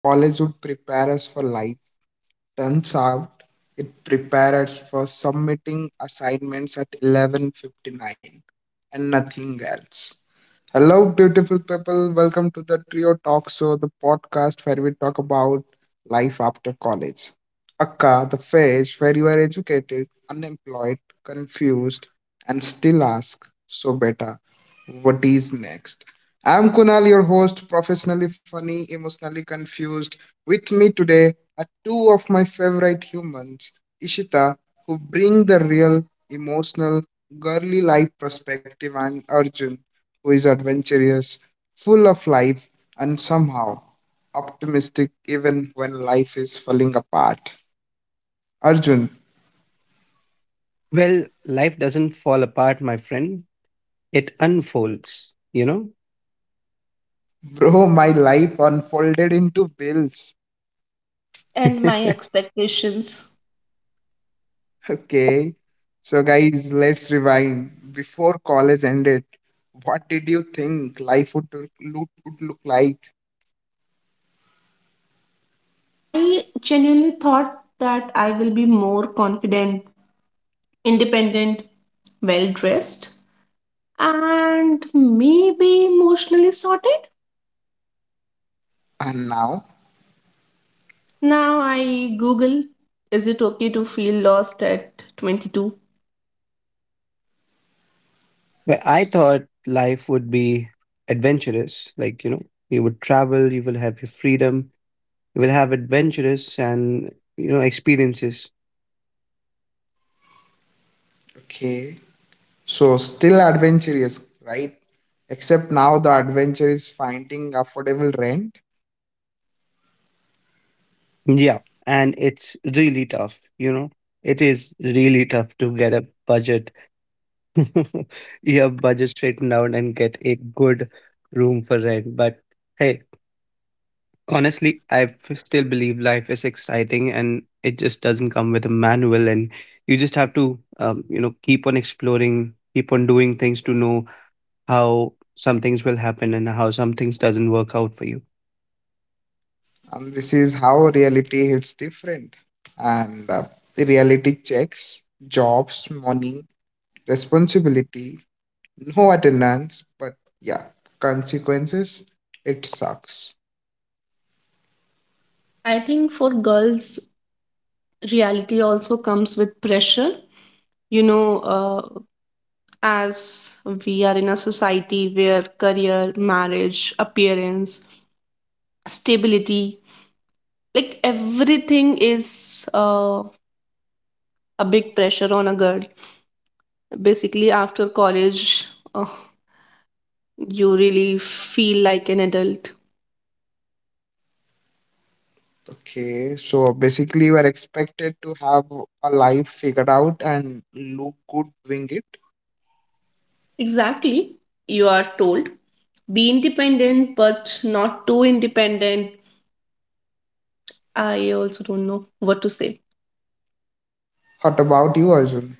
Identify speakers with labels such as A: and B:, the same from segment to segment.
A: college would prepare us for life. Turns out it prepared us for submitting assignments at 11:59 and nothing else. Hello, beautiful people. Welcome to the Trio Talk Show, the podcast where we talk about life after college. Akka, the phase where you are educated, unemployed, confused, and still ask, so beta, what is next? I'm Kunal, your host, professionally funny, emotionally confused. With me today are two of my favorite humans, Ishita, who bring the real, emotional, girly life perspective, and Arjun who is adventurous, full of life, and somehow optimistic even when life is falling apart. Arjun,
B: Well, life doesn't fall apart, my friend. It unfolds, you know?
A: bro, my life unfolded into bills.
C: And my expectations.
A: Okay. So, guys, let's rewind. Before college ended, what did you think life would look like?
C: I genuinely thought that I will be more confident, independent, well dressed, and maybe emotionally sorted.
A: And now?
C: Now I Google, is it okay to feel lost at 22?
B: Where I thought life would be adventurous, like, you know, you would travel, you will have your freedom, you will have adventurous and, you know, experiences.
A: Okay. So, still adventurous, right? Except now the adventure is finding affordable rent.
B: Yeah. And it's really tough, you know? It is really tough to get a budget, your budget straightened out and get a good room for rent. But hey, honestly, still believe life is exciting and it just doesn't come with a manual. And you just have to, you know, keep on exploring, keep on doing things to know how some things will happen and how some things doesn't work out for you.
A: And this is how reality hits different. And the reality checks, jobs, money, responsibility, no attendance, but yeah, consequences, it sucks.
C: I think for girls, reality also comes with pressure. You know, as we are in a society where career, marriage, appearance, stability, like everything is a big pressure on a girl, basically after college. uh, you really feel like an adult.
A: Okay, so basically, you are expected to have a life figured out and look good doing it.
C: Exactly, you are told be independent but not too independent. I also don't know what to say.
A: What about you, Arjun?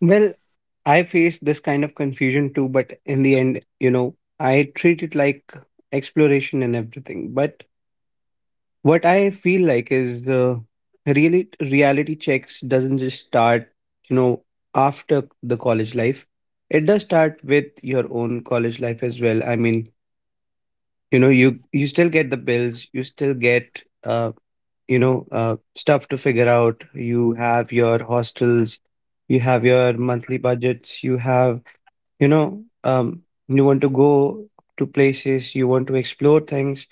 B: Well, I faced this kind of confusion too, but in the end, you know, I treat it like exploration and everything. But what I feel like is the really reality checks doesn't just start, you know, after the college life. It does start with your own college life as well. I mean, you know, you still get the bills, you still get you know, stuff to figure out. You have your hostels, you have your monthly budgets, you have, you know, you want to go to places, you want to explore things,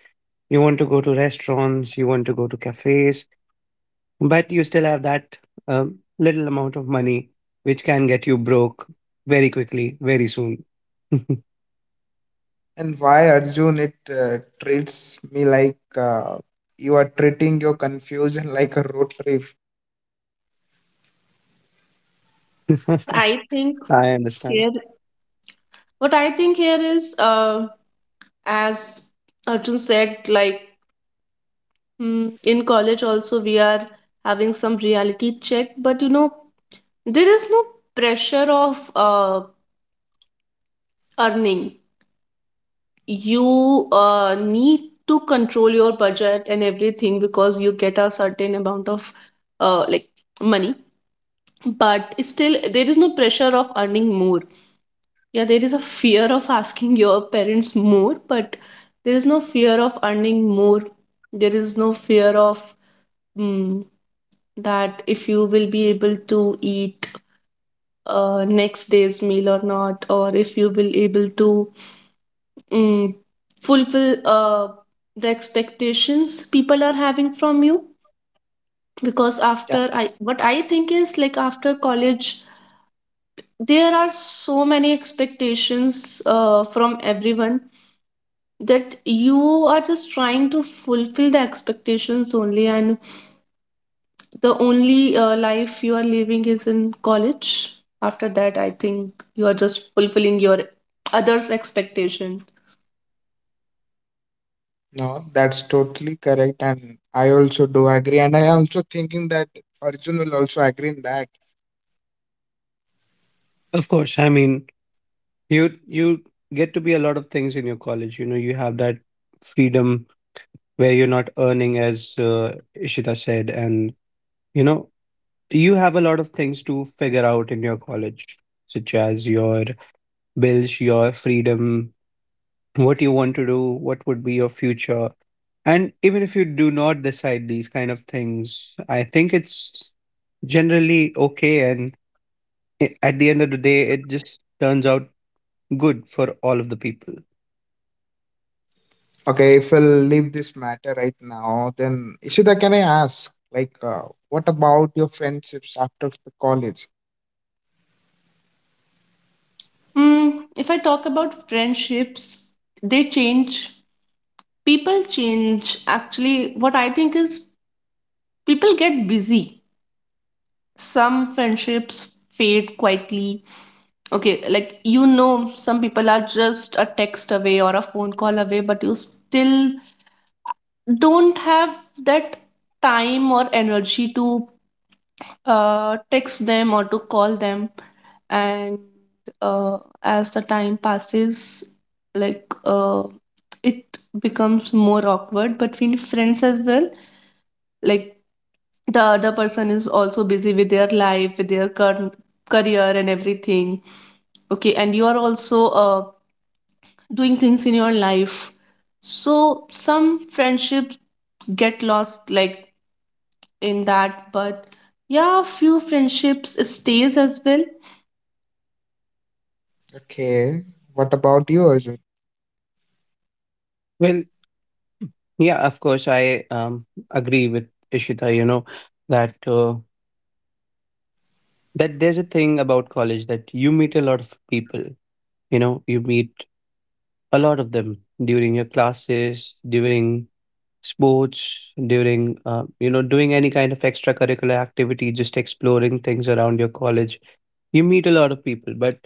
B: you want to go to restaurants, you want to go to cafes, but you still have that little amount of money which can get you broke very quickly, very soon.
A: And why, Arjun, it treats me like you are treating your confusion like a road trip?
C: what i think
B: I understand.
C: here what I think here is, as Arjun said, like, in college also we are having some reality check, but you know, there is no pressure of earning. You need to control your budget and everything because you get a certain amount of, like, money, but still there is no pressure of earning more. Yeah, there is a fear of asking your parents more, but there is no fear of earning more. There is no fear of, mm, that if you will be able to eat next day's meal or not, or if you will able to, mm, fulfill the expectations people are having from you. Because after I what I think is, like, after college there are so many expectations from everyone, that you are just trying to fulfill the expectations only, and the only life you are living is in college. After that, I think you are just fulfilling your others expectation.
A: No, that's totally correct, and I also do agree, and I also thinking that Arjun will also agree in that.
B: Of course, I mean, you get to be a lot of things in your college. You know, you have that freedom where you're not earning, as Ishita said, and, you know, you have a lot of things to figure out in your college, such as your bills, your freedom, what you want to do, what would be your future. And even if you do not decide these kind of things, I think it's generally okay. At the end of the day, it just turns out good for all of the people.
A: Okay, if we'll leave this matter right now, then Ishita, can I ask, like, what about your friendships after the college?
C: Mm, if I talk about friendships, they change. People change. Actually, what I think is people get busy. Some friendships fade quietly. Okay, like, you know, some people are just a text away or a phone call away, but you still don't have that time or energy to text them or to call them. And as the time passes, like uh, it becomes more awkward between friends as well. Like, the other person is also busy with their life, with their current career and everything. Okay, and you are also doing things in your life, so some friendships get lost, like, in that, but yeah, few friendships stays as well.
A: Okay, what about you, Arjun?
B: Well, yeah, of course, I agree with Ishita, you know, that, uh, that there's a thing about college that you meet a lot of people. You know, you meet a lot of them during your classes, during sports, during, you know, doing any kind of extracurricular activity, just exploring things around your college. You meet a lot of people, but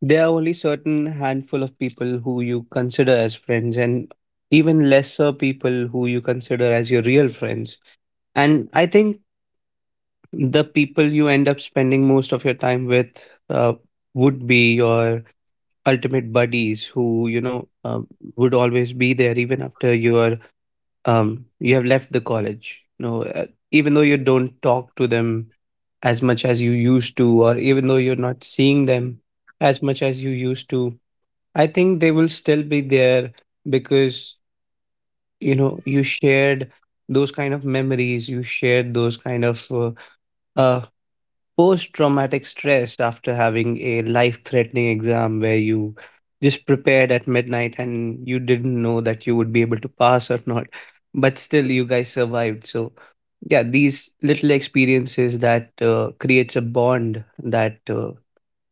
B: there are only certain handful of people who you consider as friends, and even lesser people who you consider as your real friends. And I think the people you end up spending most of your time with, would be your ultimate buddies, who, you know, would always be there even after you have left the college. You know, even though you don't talk to them as much as you used to, or even though you're not seeing them as much as you used to, I think they will still be there, because, you know, you shared those kind of memories, you shared those kind of uh, post traumatic stress after having a life threatening exam where you just prepared at midnight and you didn't know that you would be able to pass or not, but still you guys survived. So yeah, these little experiences that, creates a bond that, uh,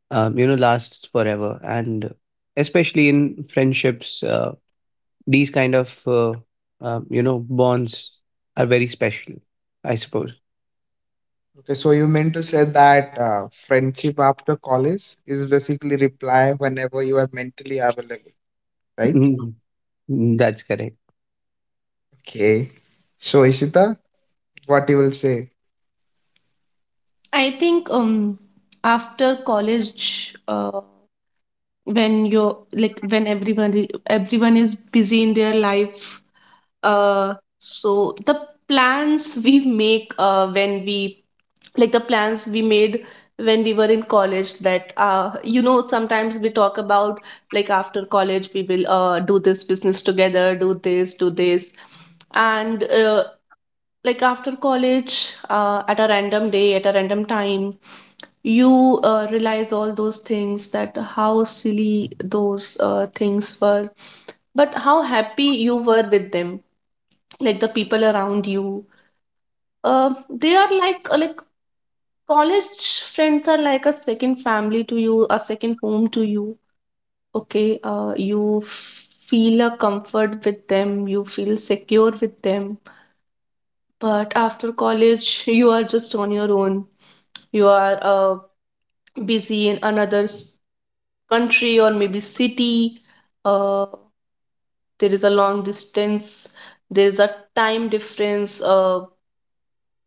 B: um, you know, lasts forever. And especially in friendships, these kind of you know, bonds are very special, I suppose.
A: Okay, so you meant to say that friendship after college is basically reply whenever you are mentally available, right?
B: Mm, mm, that's correct.
A: Okay, so Ishita, what you will say?
C: I think, um, after college, when you're like, when everybody everyone is busy in their life, uh, so the plans we make, uh, when we, like, the plans we made when we were in college, that, uh, you know, sometimes we talk about, like, after college we will, uh, do this business together, do this, do this. And like after college, at a random day, at a random time, you realize all those things, that how silly those things were, but how happy you were with them. Like the people around you, they are like, college friends are like a second family to you, a second home to you. Okay, you feel a comfort with them, you feel secure with them. But after college, you are just on your own. You are, busy in another country or maybe city. Uh, there is a long distance, there is a time difference,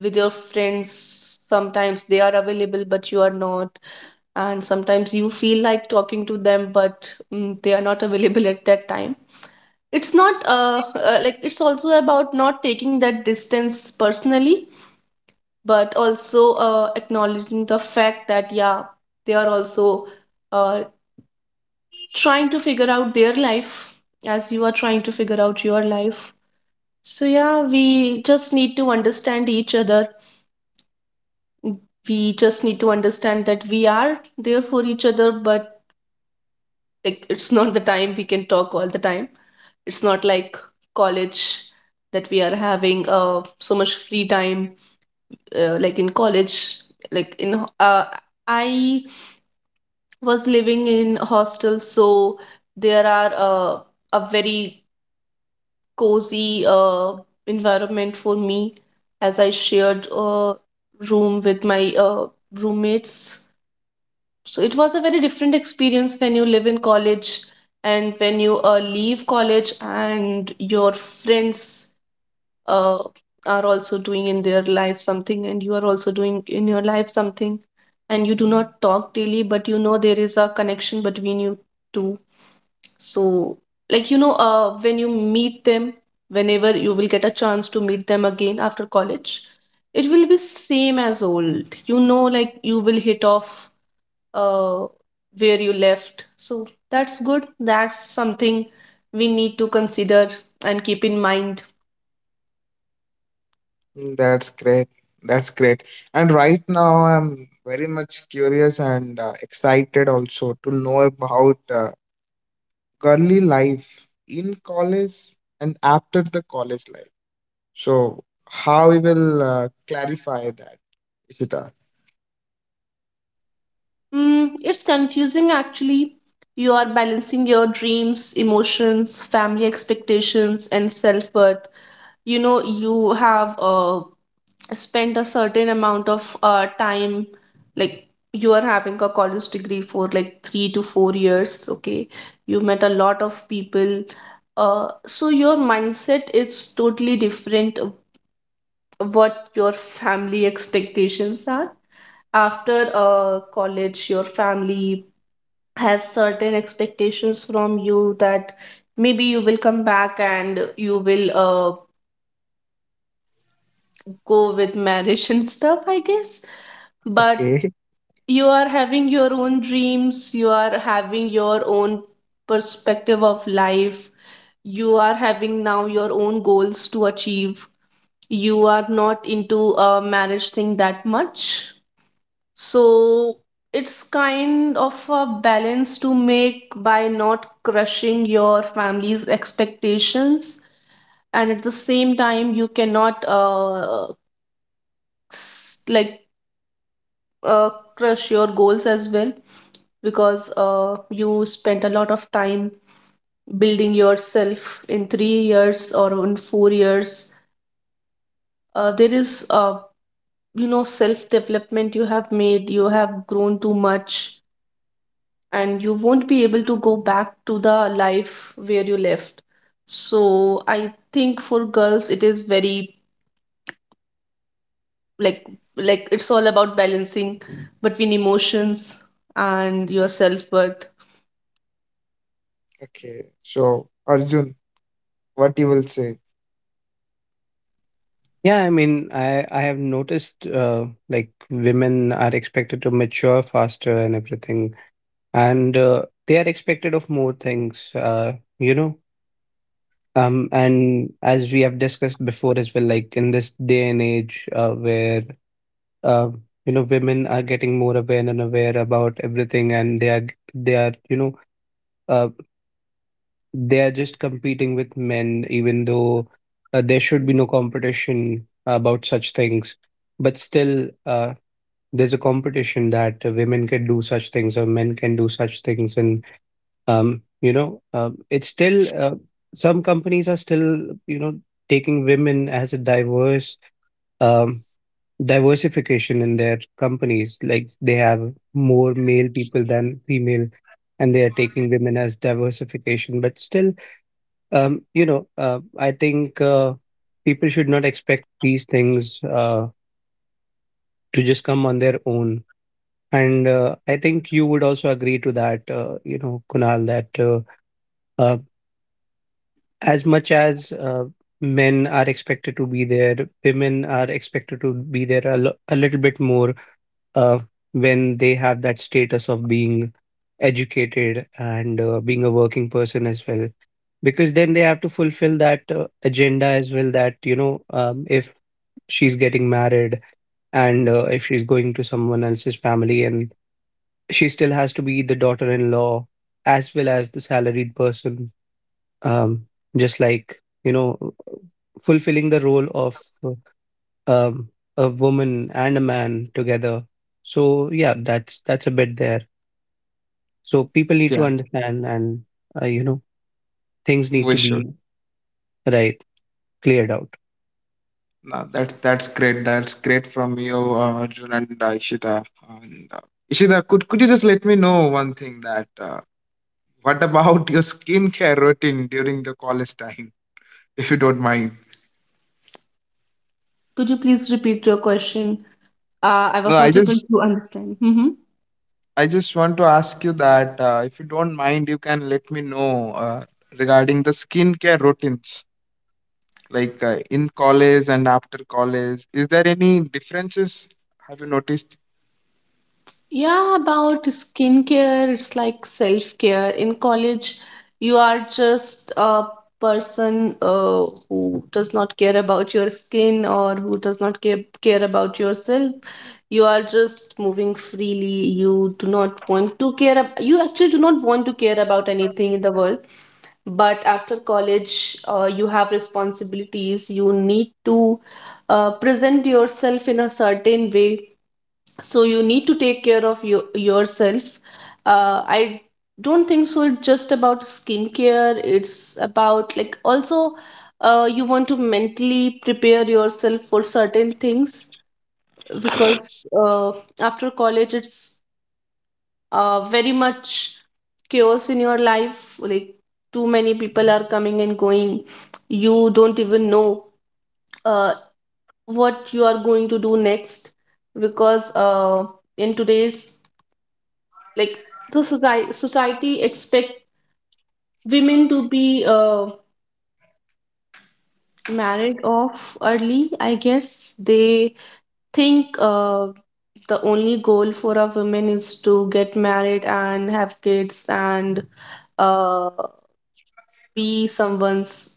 C: with your friends. Sometimes they are available but you are not, and sometimes you feel like talking to them, but they are not available at that time. It's not like, it's also about not taking that distance personally, but also acknowledging the fact that, yeah, they are also uh, trying to figure out their life, as you are trying to figure out your life. So, yeah, we just need to understand each other. We just need to understand that we are there for each other, but, like, it's not the time we can talk all the time. It's not like college that we are having so much free time, like in college. Like, in, I was living in hostels, so there are, a very cozy environment for me, as I shared a room with my roommates. So it was a very different experience when you live in college and when you leave college, and your friends uh, are also doing in their life something, and you are also doing in your life something, and you do not talk daily, but you know there is a connection between you two. So, like, you know, when you meet them, whenever you will get a chance to meet them again after college, it will be same as old. You know, like, you will hit off uh, where you left. So that's good. That's something we need to consider and keep in mind.
A: Mm, that's great. That's great. And right now, I'm very much curious and excited also to know about girly life in college and after the college life. So, how we will clarify that, Ishita?
C: Mm, it's confusing actually. You are balancing your dreams, emotions, family expectations, and self-worth. You know, you have spent a certain amount of time, like, you are having a college degree for like 3 to 4 years. Okay, you met a lot of people. So your mindset is totally different of what your family expectations are. After college, your family has certain expectations from you, that maybe you will come back and you will go with marriage and stuff, I guess. But
A: Okay.
C: you are having your own dreams, you are having your own perspective of life, you are having now your own goals to achieve, you are not into a marriage thing that much. So it's kind of a balance to make, by not crushing your family's expectations, and at the same time you cannot, s- like uh, crush your goals as well. Because, you spent a lot of time building yourself in 3 years or in 4 years. There is, you know, self development you have made, you have grown too much, and you won't be able to go back to the life where you left. So I think for girls, it is very, like like, it's all about balancing between emotions and your self worth.
A: Okay. So, Arjun, what you will say?
B: Yeah, I mean, I have noticed, like women are expected to mature faster and everything, and they are expected of more things, you know. And as we have discussed before as well, like in this day and age, where uh, you know, women are getting more aware and aware about everything, and they are, you know, uh, they are just competing with men, even though, there should be no competition about such things, but still, there's a competition that, women can do such things or men can do such things. And you know, it's still, some companies are still, you know, taking women as a diverse, um, diversification in their companies. Like they have more male people than female, and they are taking women as diversification. But still, you know, I think, people should not expect these things, to just come on their own. And I think you would also agree to that, you know, Kunal, that, uh, as much as, men are expected to be there, women are expected to be there a little bit more, uh, when they have that status of being educated and, being a working person as well. Because then they have to fulfill that, agenda as well, that, you know, if she's getting married, and, if she's going to someone else's family, and she still has to be the daughter-in-law as well as the salaried person. Um just like, you know, fulfilling the role of um a woman and a man together. So yeah, that's a bit there. So people need
A: Yeah,
B: to understand and, you know, things
A: we
B: need to
A: should.
B: be right, cleared out.
A: No, that's great. That's great from you, Arjun and Ishita. And, Ishita, could you just let me know one thing that? What about your skincare routine during the college time, if you don't mind?
C: Mm, could you please repeat your question? I
A: No,
C: was
A: I
C: not able
A: just
C: to understand. Hmm.
A: I just want to ask you that if you don't mind, you can let me know, regarding the skincare routines, like in college and after college. Is there any differences? Have you noticed?
C: Yeah, about skincare, it's like self-care. In college, you are just a person who does not care about your skin, or who does not care about yourself. You are just moving freely. You do not want to care. You actually do not want to care about anything in the world. But after college, you have responsibilities. You need to present yourself in a certain way, so you need to take care of yourself. I don't think so it's just about skincare, it's about, like, also you want to mentally prepare yourself for certain things. Because after college it's very much chaos in your life, like too many people are coming and going, you don't even know uh, what you are going to do next. Because, in today's, like, the society expect women to be married off early, I guess. They think the only goal for a woman is to get married and have kids and uh, be someone's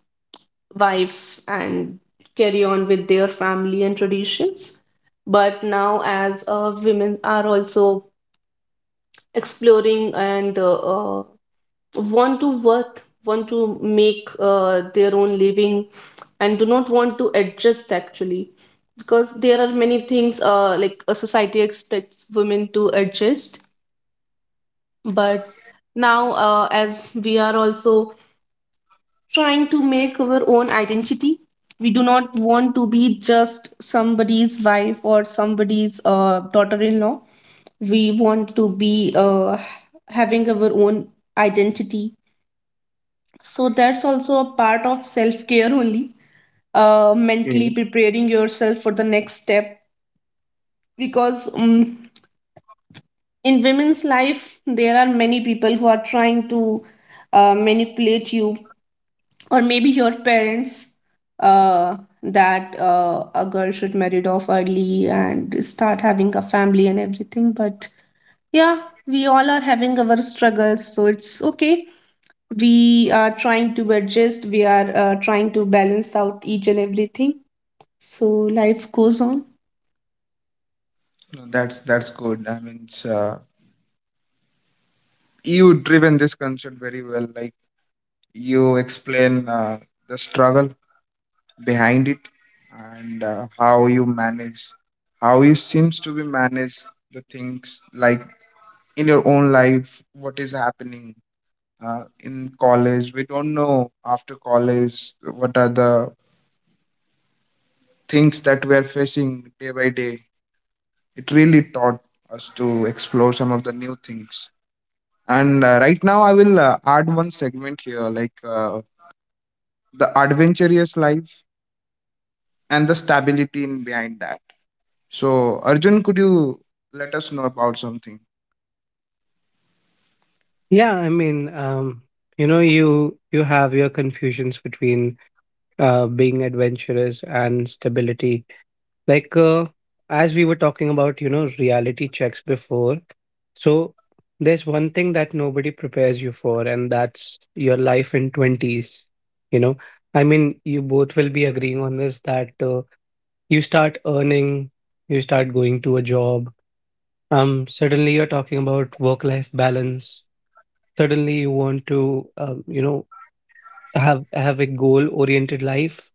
C: wife and carry on with their family and traditions. But now, as women are also exploring and want to work, want to make their own living, and do not want to adjust actually. Because there are many things, like, a society expects women to adjust, but now, as we are also trying to make our own identity, we do not want to be just somebody's wife or somebody's daughter-in-law. We want to be having our own identity. So that's also a part of self care only, mentally
A: Okay.
C: preparing yourself for the next step. Because, in women's life there are many people who are trying to manipulate you, or maybe your parents, uh, that a girl should marry off early and start having a family and everything. But yeah, we all are having our struggles, so it's okay. We are trying to adjust, we are trying to balance out each and everything, so life goes on.
A: No, that's good. I mean, it's, you driven this concept very well. Like you explain the struggle behind it and how you manage, how you seems to be manage the things, like in your own life what is happening. In college we don't know, after college what are the things that we are facing day by day. It really taught us to explore some of the new things. And right now I will add one segment here, like the adventurous life and the stability in behind that. So, Arjun, could you let us know about something?
B: Yeah, I mean, you know, you have your confusions between, being adventurous and stability. like uh, as we were talking about, you know, reality checks before. So there's one thing that nobody prepares you for, and that's your life in 20s, you know. I mean, you both will be agreeing on this, that, you start earning, you start going to a job. Um suddenly you're talking about work life balance, suddenly you want to, you know, have a goal oriented life.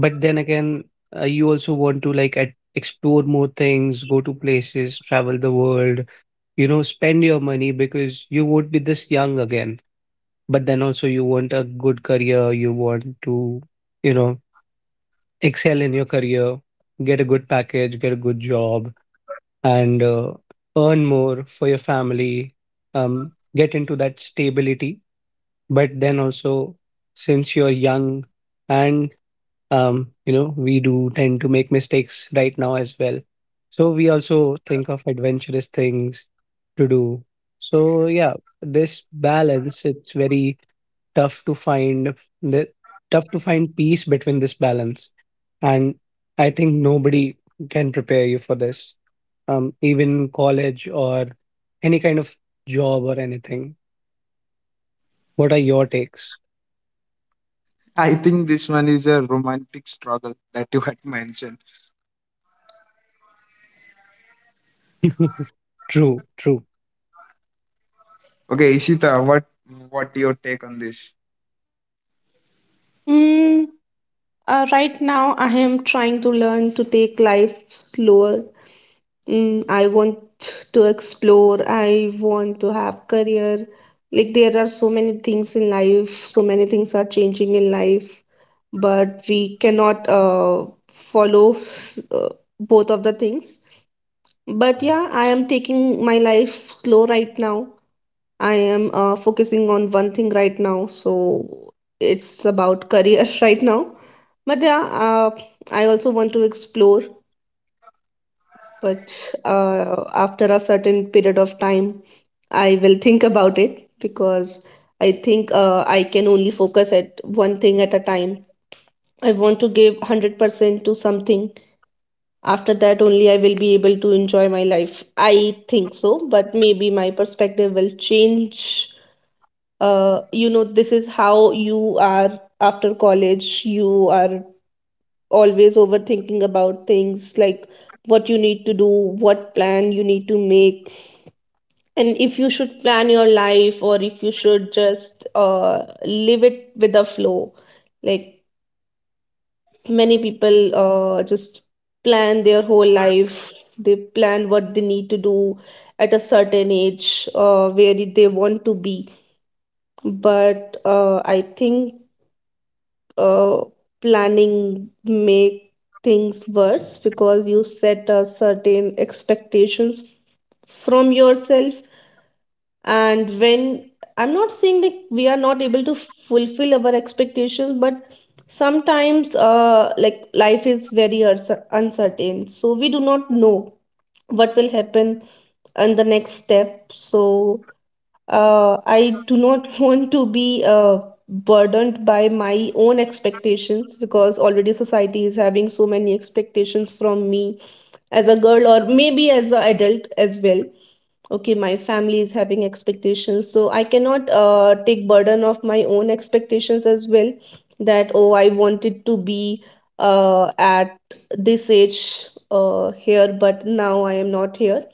B: But then again, you also want to explore more things, go to places, travel the world, you know, spend your money, because you would be this young again. But then also, you want a good career, you want to, you know, excel in your career, get a good package, get a good job, and, earn more for your family, get into that stability. But then also, since you're young, and you know, we do tend to make mistakes right now as well. So we also think of adventurous things to do. So yeah, this balance, it's very tough to find, the tough to find peace between this balance. And I think nobody can prepare you for this, even college or any kind of job or anything. What are your takes?
A: I think this one is a romantic struggle that you had mentioned.
B: True, true.
A: Okay, Ishita, what your take on this?
C: mm, right now I am trying to learn to take life slower. Mm, I want to explore, I want to have career. Like, there are so many things in life, so many things are changing in life, but we cannot follow s- uh, both of the things. But yeah, I am taking my life slow right now. I am focusing on one thing right now, so it's about career right now. But yeah, I also want to explore, but after a certain period of time, I will think about it, because I think I can only focus at one thing at a time. I want to give 100% to something. After that, only I will be able to enjoy my life. I think so, but maybe my perspective will change. You know, this is how you are after college. You are always overthinking about things like what you need to do, what plan you need to make, and if you should plan your life or if you should just live it with the flow. Like many people just plan their whole life, they plan what they need to do at a certain age, where they want to be, but I think uh, planning make things worse because you set a certain expectations from yourself and when, I'm not saying that we are not able to fulfill our expectations, but sometimes like life is very uncertain, so we do not know what will happen on the next step. So I do not want to be burdened by my own expectations because already society is having so many expectations from me as a girl or maybe as an adult as well. Okay, my family is having expectations, so I cannot take burden of my own expectations as well. That, oh, I wanted to be at this age, here, but now I am not here.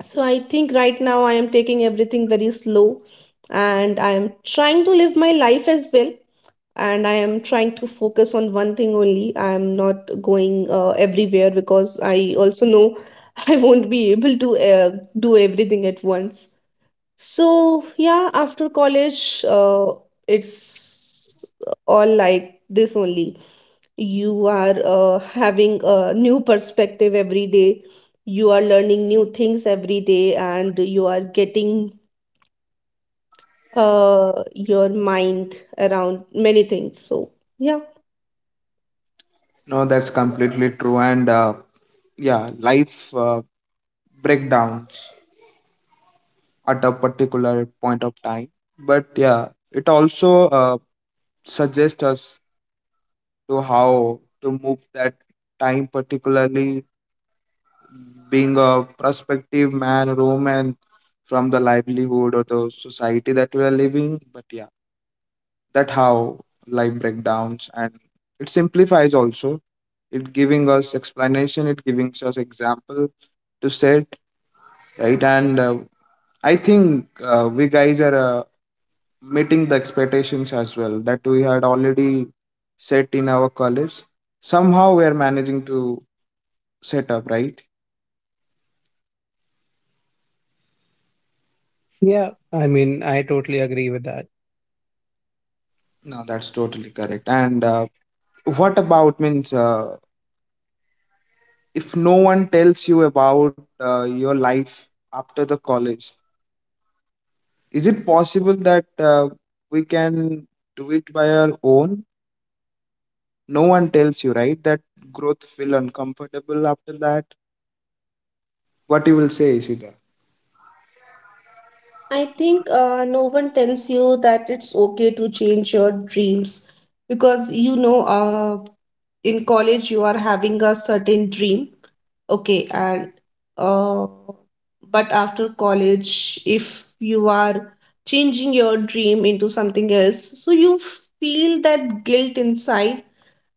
C: So I think right now I am taking everything very slow and I am trying to live my life as well. And I am trying to focus on one thing only. I am not going everywhere because I also know I won't be able to do everything at once. So, yeah, after college, it's all like this only. You are having a new perspective every day, you are learning new things every day, and you are getting your mind around many things. So yeah,
A: No, that's completely true. And yeah, life breakdowns at a particular point of time. But yeah, it also suggests us to how to move that time particularly, being a prospective man, woman from the livelihood or the society that we are living. But yeah, that how life breakdowns and it simplifies also. It giving us explanation. It giving us example to set right. And I think we guys are meeting the expectations as well that we had already set in our college. Somehow we are managing to set up right.
B: Yeah, I mean, I totally agree with that.
A: No, that's totally correct. And what about means, if no one tells you about your life after the college, is it possible that we can do it by our own? No one tells you right that growth feel uncomfortable after that. What you will say, Ishita?
C: I think no one tells you that it's okay to change your dreams, because you know, in college you are having a certain dream. Okay, and uh, but after college, if you are changing your dream into something else, so you feel that guilt inside.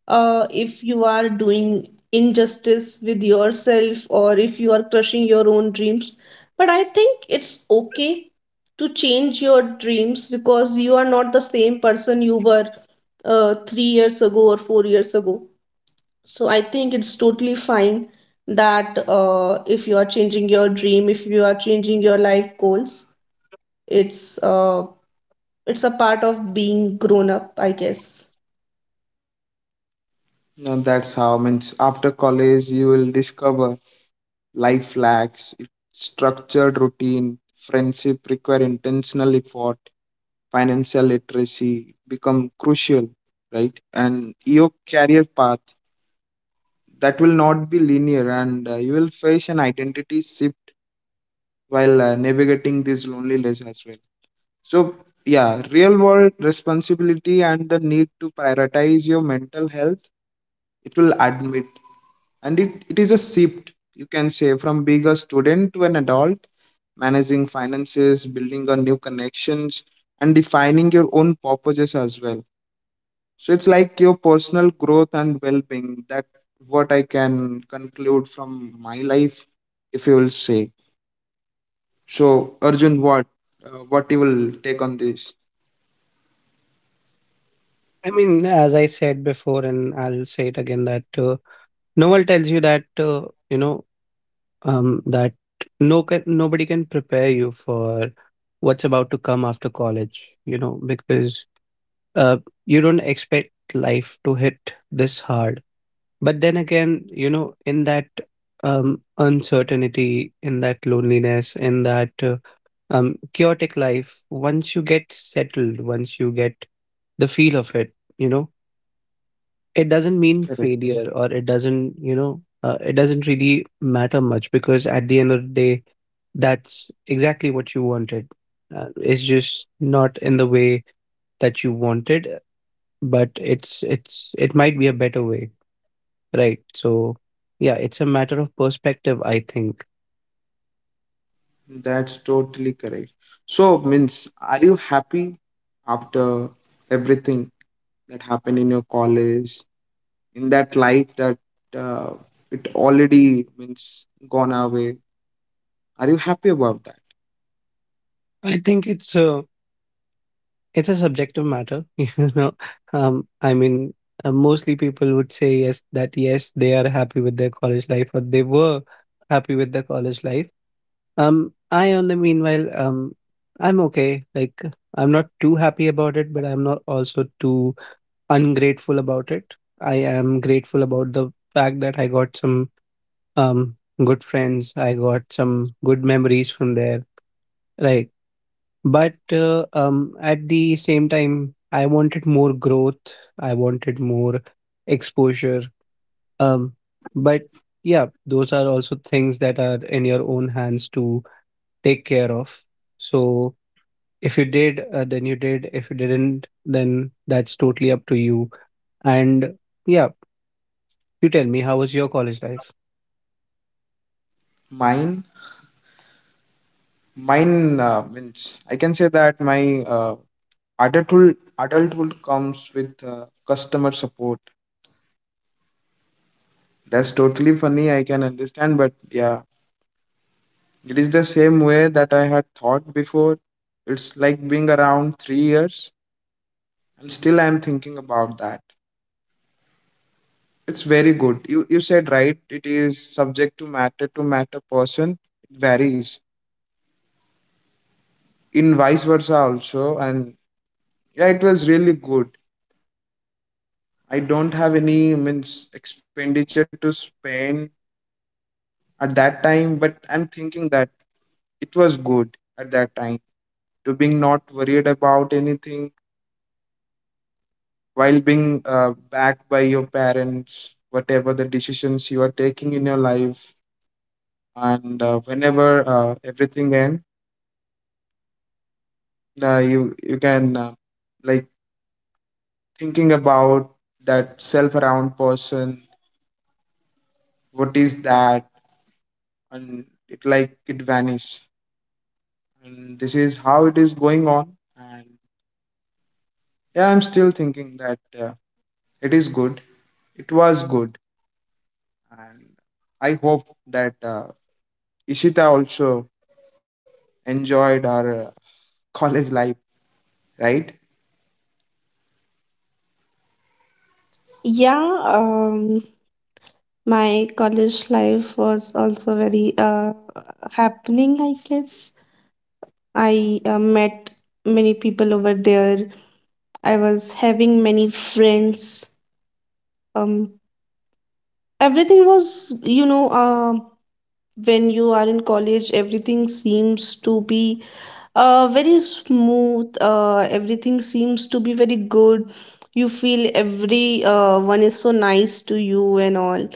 C: If you are doing injustice with yourself or if you are crushing your own dreams, but I think it's okay to change your dreams because you are not the same person you were 3 years ago or 4 years ago. So I think it's totally fine that if you are changing your dream, if you are changing your life goals, it's uh, it's a part of being grown up, I guess.
A: No, that's how means, after college you will discover life lacks its structured routine, friendship require intentional effort, financial literacy become crucial, right? And your career path, that will not be linear, and you will face an identity shift while navigating this loneliness as well. So yeah, real world responsibility and the need to prioritize your mental health, it will admit. And it is a shift you can say, from being a student to an adult, managing finances, building on new connections, and defining your own purposes as well. So it's like your personal growth and well-being. That what I can conclude from my life, if you will say. So Arjun, what you will take on this?
B: I mean, as I said before, and I'll say it again, that, no one tells you that, you know, that no can, nobody can prepare you for what's about to come after college. You know, because, uh, you don't expect life to hit this hard. But then again, you know, in that, uncertainty, in that loneliness, in that, chaotic life, once you get settled, once you get the feel of it, you know, it doesn't mean
A: Correct.
B: failure, or it doesn't, you know, it doesn't really matter much, because at the end of the day, that's exactly what you wanted. It's just not in the way that you wanted, but it's it might be a better way, right? So yeah, it's a matter of perspective, I think.
A: That's totally correct. So means, are you happy after everything that happened in your college, in that life that uh, it already means gone away? Are you happy about that?
B: I think it's a, it's a subjective matter. You know, I mean, mostly people would say yes, that yes, they are happy with their college life, or they were happy with their college life. I, on the meanwhile, I'm okay. Like, I'm not too happy about it, but I'm not also too ungrateful about it. I am grateful about the fact that I got some um good friends. I got some good memories from there, right? But at the same time, I wanted more growth. I wanted more exposure. Um, but yeah, those are also things that are in your own hands to take care of. So if you did, then you did. If you didn't, then that's totally up to you. And yeah, you tell me, how was your college life?
A: Mine, mine means I can say that my adulthood comes with customer support. That's totally funny. I can understand, but yeah, it is the same way that I had thought before. It's like being around 3 years, and still I am thinking about that. It's very good. You said right. It is subject to matter, to matter person. It varies in vice versa also. And yeah, it was really good. I don't have any means expenditure to spend at that time, but I'm thinking that it was good at that time, to being not worried about anything, while being backed by your parents, whatever the decisions you are taking in your life. And whenever everything end, you can, like, thinking about that self around person, what is that? And it, like, it vanish. And this is how it is going on. And yeah, I'm still thinking that it is good, it was good. And I hope that Ishita also enjoyed our college life, right?
C: Yeah, my college life was also very happening, I guess. I met many people over there. I was having many friends. Um, everything was, you know, when you are in college, everything seems to be very smooth, everything seems to be very good. You feel every one is so nice to you and all.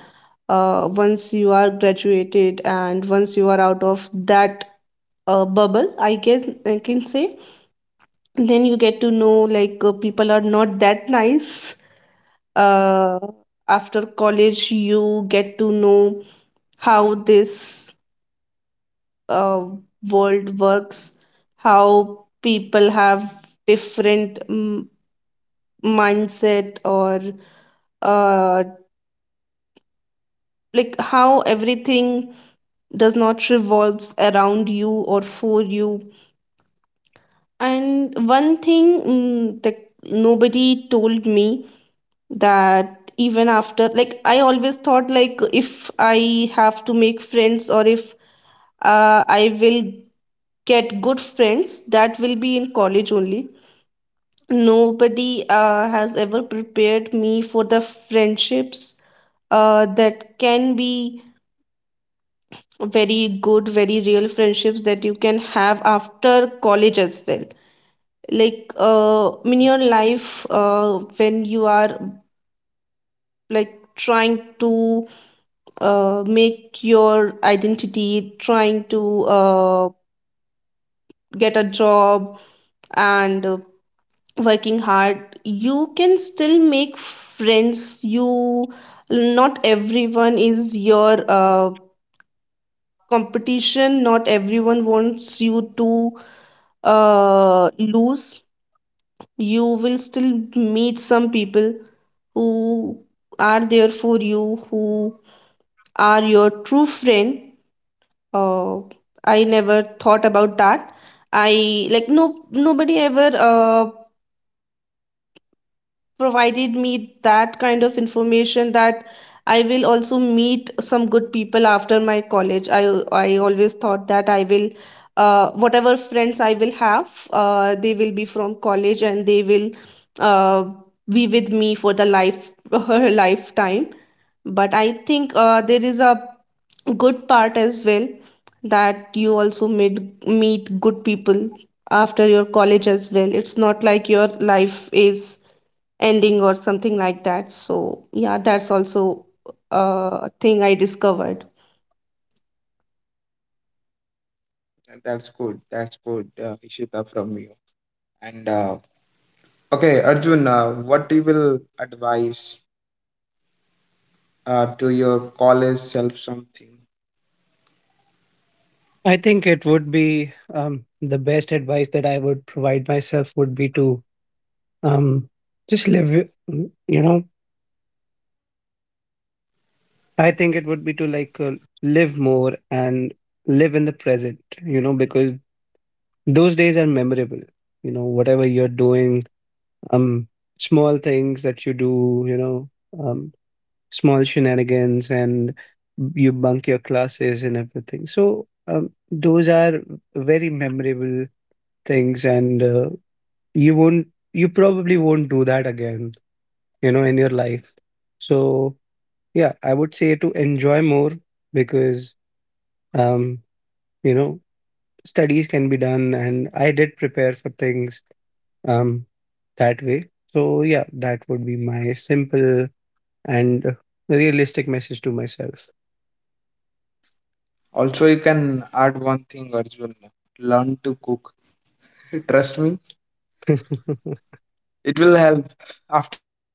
C: Once you are graduated and once you are out of that bubble, I guess I can say, then you get to know like people are not that nice. uh After college you get to know how this uh, world works, how people have different mindset, or uh, like how everything does not revolves around you or for you. And one thing, that nobody told me, that even after, like, I always thought like if I have to make friends or if I will get good friends that will be in college only. Nobody has ever prepared me for the friendships that can be very good, very real friendships that you can have after college as well. Like in your life, when you are like trying to make your identity, trying to get a job and working hard, you can still make friends. You, not everyone is your competition, not everyone wants you to lose. You will still meet some people who are there for you, who are your true friend. uh, I never thought about that. I like no Nobody ever provided me that kind of information, that I will also meet some good people after my college. I always thought that I will, whatever friends I will have, they will be from college and they will uh, be with me for the life lifetime. But I think there is a good part as well, that you also meet good people after your college as well. It's not like your life is ending or something like that. So, yeah, that's also a thing I discovered.
A: That's good. That's good, Ishita, from you. And okay, Arjun, what you will advise to your college self something?
B: I think it would be, the best advice that I would provide myself would be to, um, just live it, you know, I think it would be to like, live more, and live in the present, you know, because those days are memorable, you know, whatever you're doing, um, small things that you do, you know, um, small shenanigans, and you bunk your classes and everything. So those are very memorable things, and, you won't, you probably won't do that again, you know, in your life. So yeah, I would say to enjoy more, because, um, you know, studies can be done, and I did prepare for things, um, that way. So yeah, that would be my simple and realistic message to myself.
A: Also, you can add one thing, Arjun. Learn to cook. Trust me, it will help after that.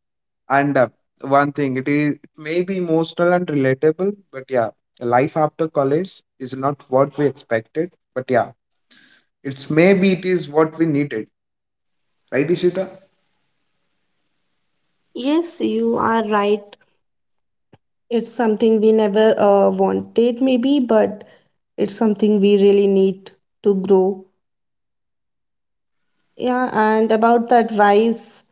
A: And one thing, it may be emotional and relatable, but yeah, life after college is not what we expected. But yeah, it's maybe it is what we needed, right, Ishita?
C: Yes, you are right. It's something we never wanted, maybe, but it's something we really need to grow. Yeah, and about the advice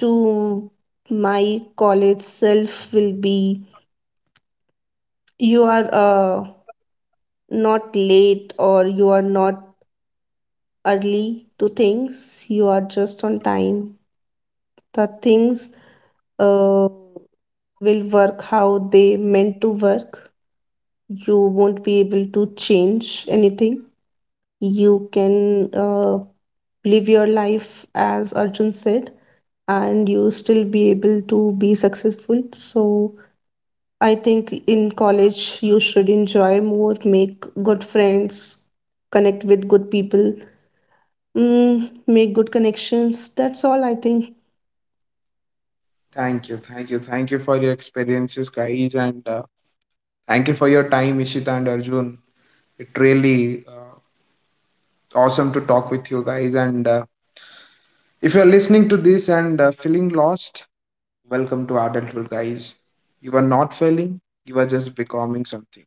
C: to my college self will be, you are not late or you are not early to things, you are just on time. The things uh, will work how they meant to work. You won't be able to change anything. You can live your life as Arjun said, and you still be able to be successful. So I think in college you should enjoy more, make good friends, connect with good people, make good connections. That's all I think.
A: Thank you, thank you, thank you for your experiences, guys, and thank you for your time, Ishita and Arjun. It really awesome to talk with you guys. And if you're listening to this and feeling lost, welcome to adulthood, guys. You are not failing; you are just becoming something.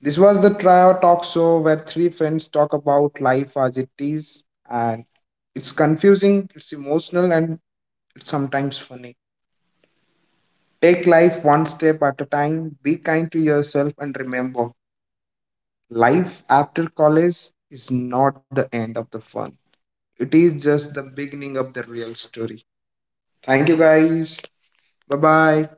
A: This was the Trio Talk Show where three friends talk about life as it is, and it's confusing, it's emotional, and it's sometimes funny. Take life one step at a time, be kind to yourself, and remember life after college is not the end of the fun. It is just the beginning of the real story. Thank you guys. Bye bye.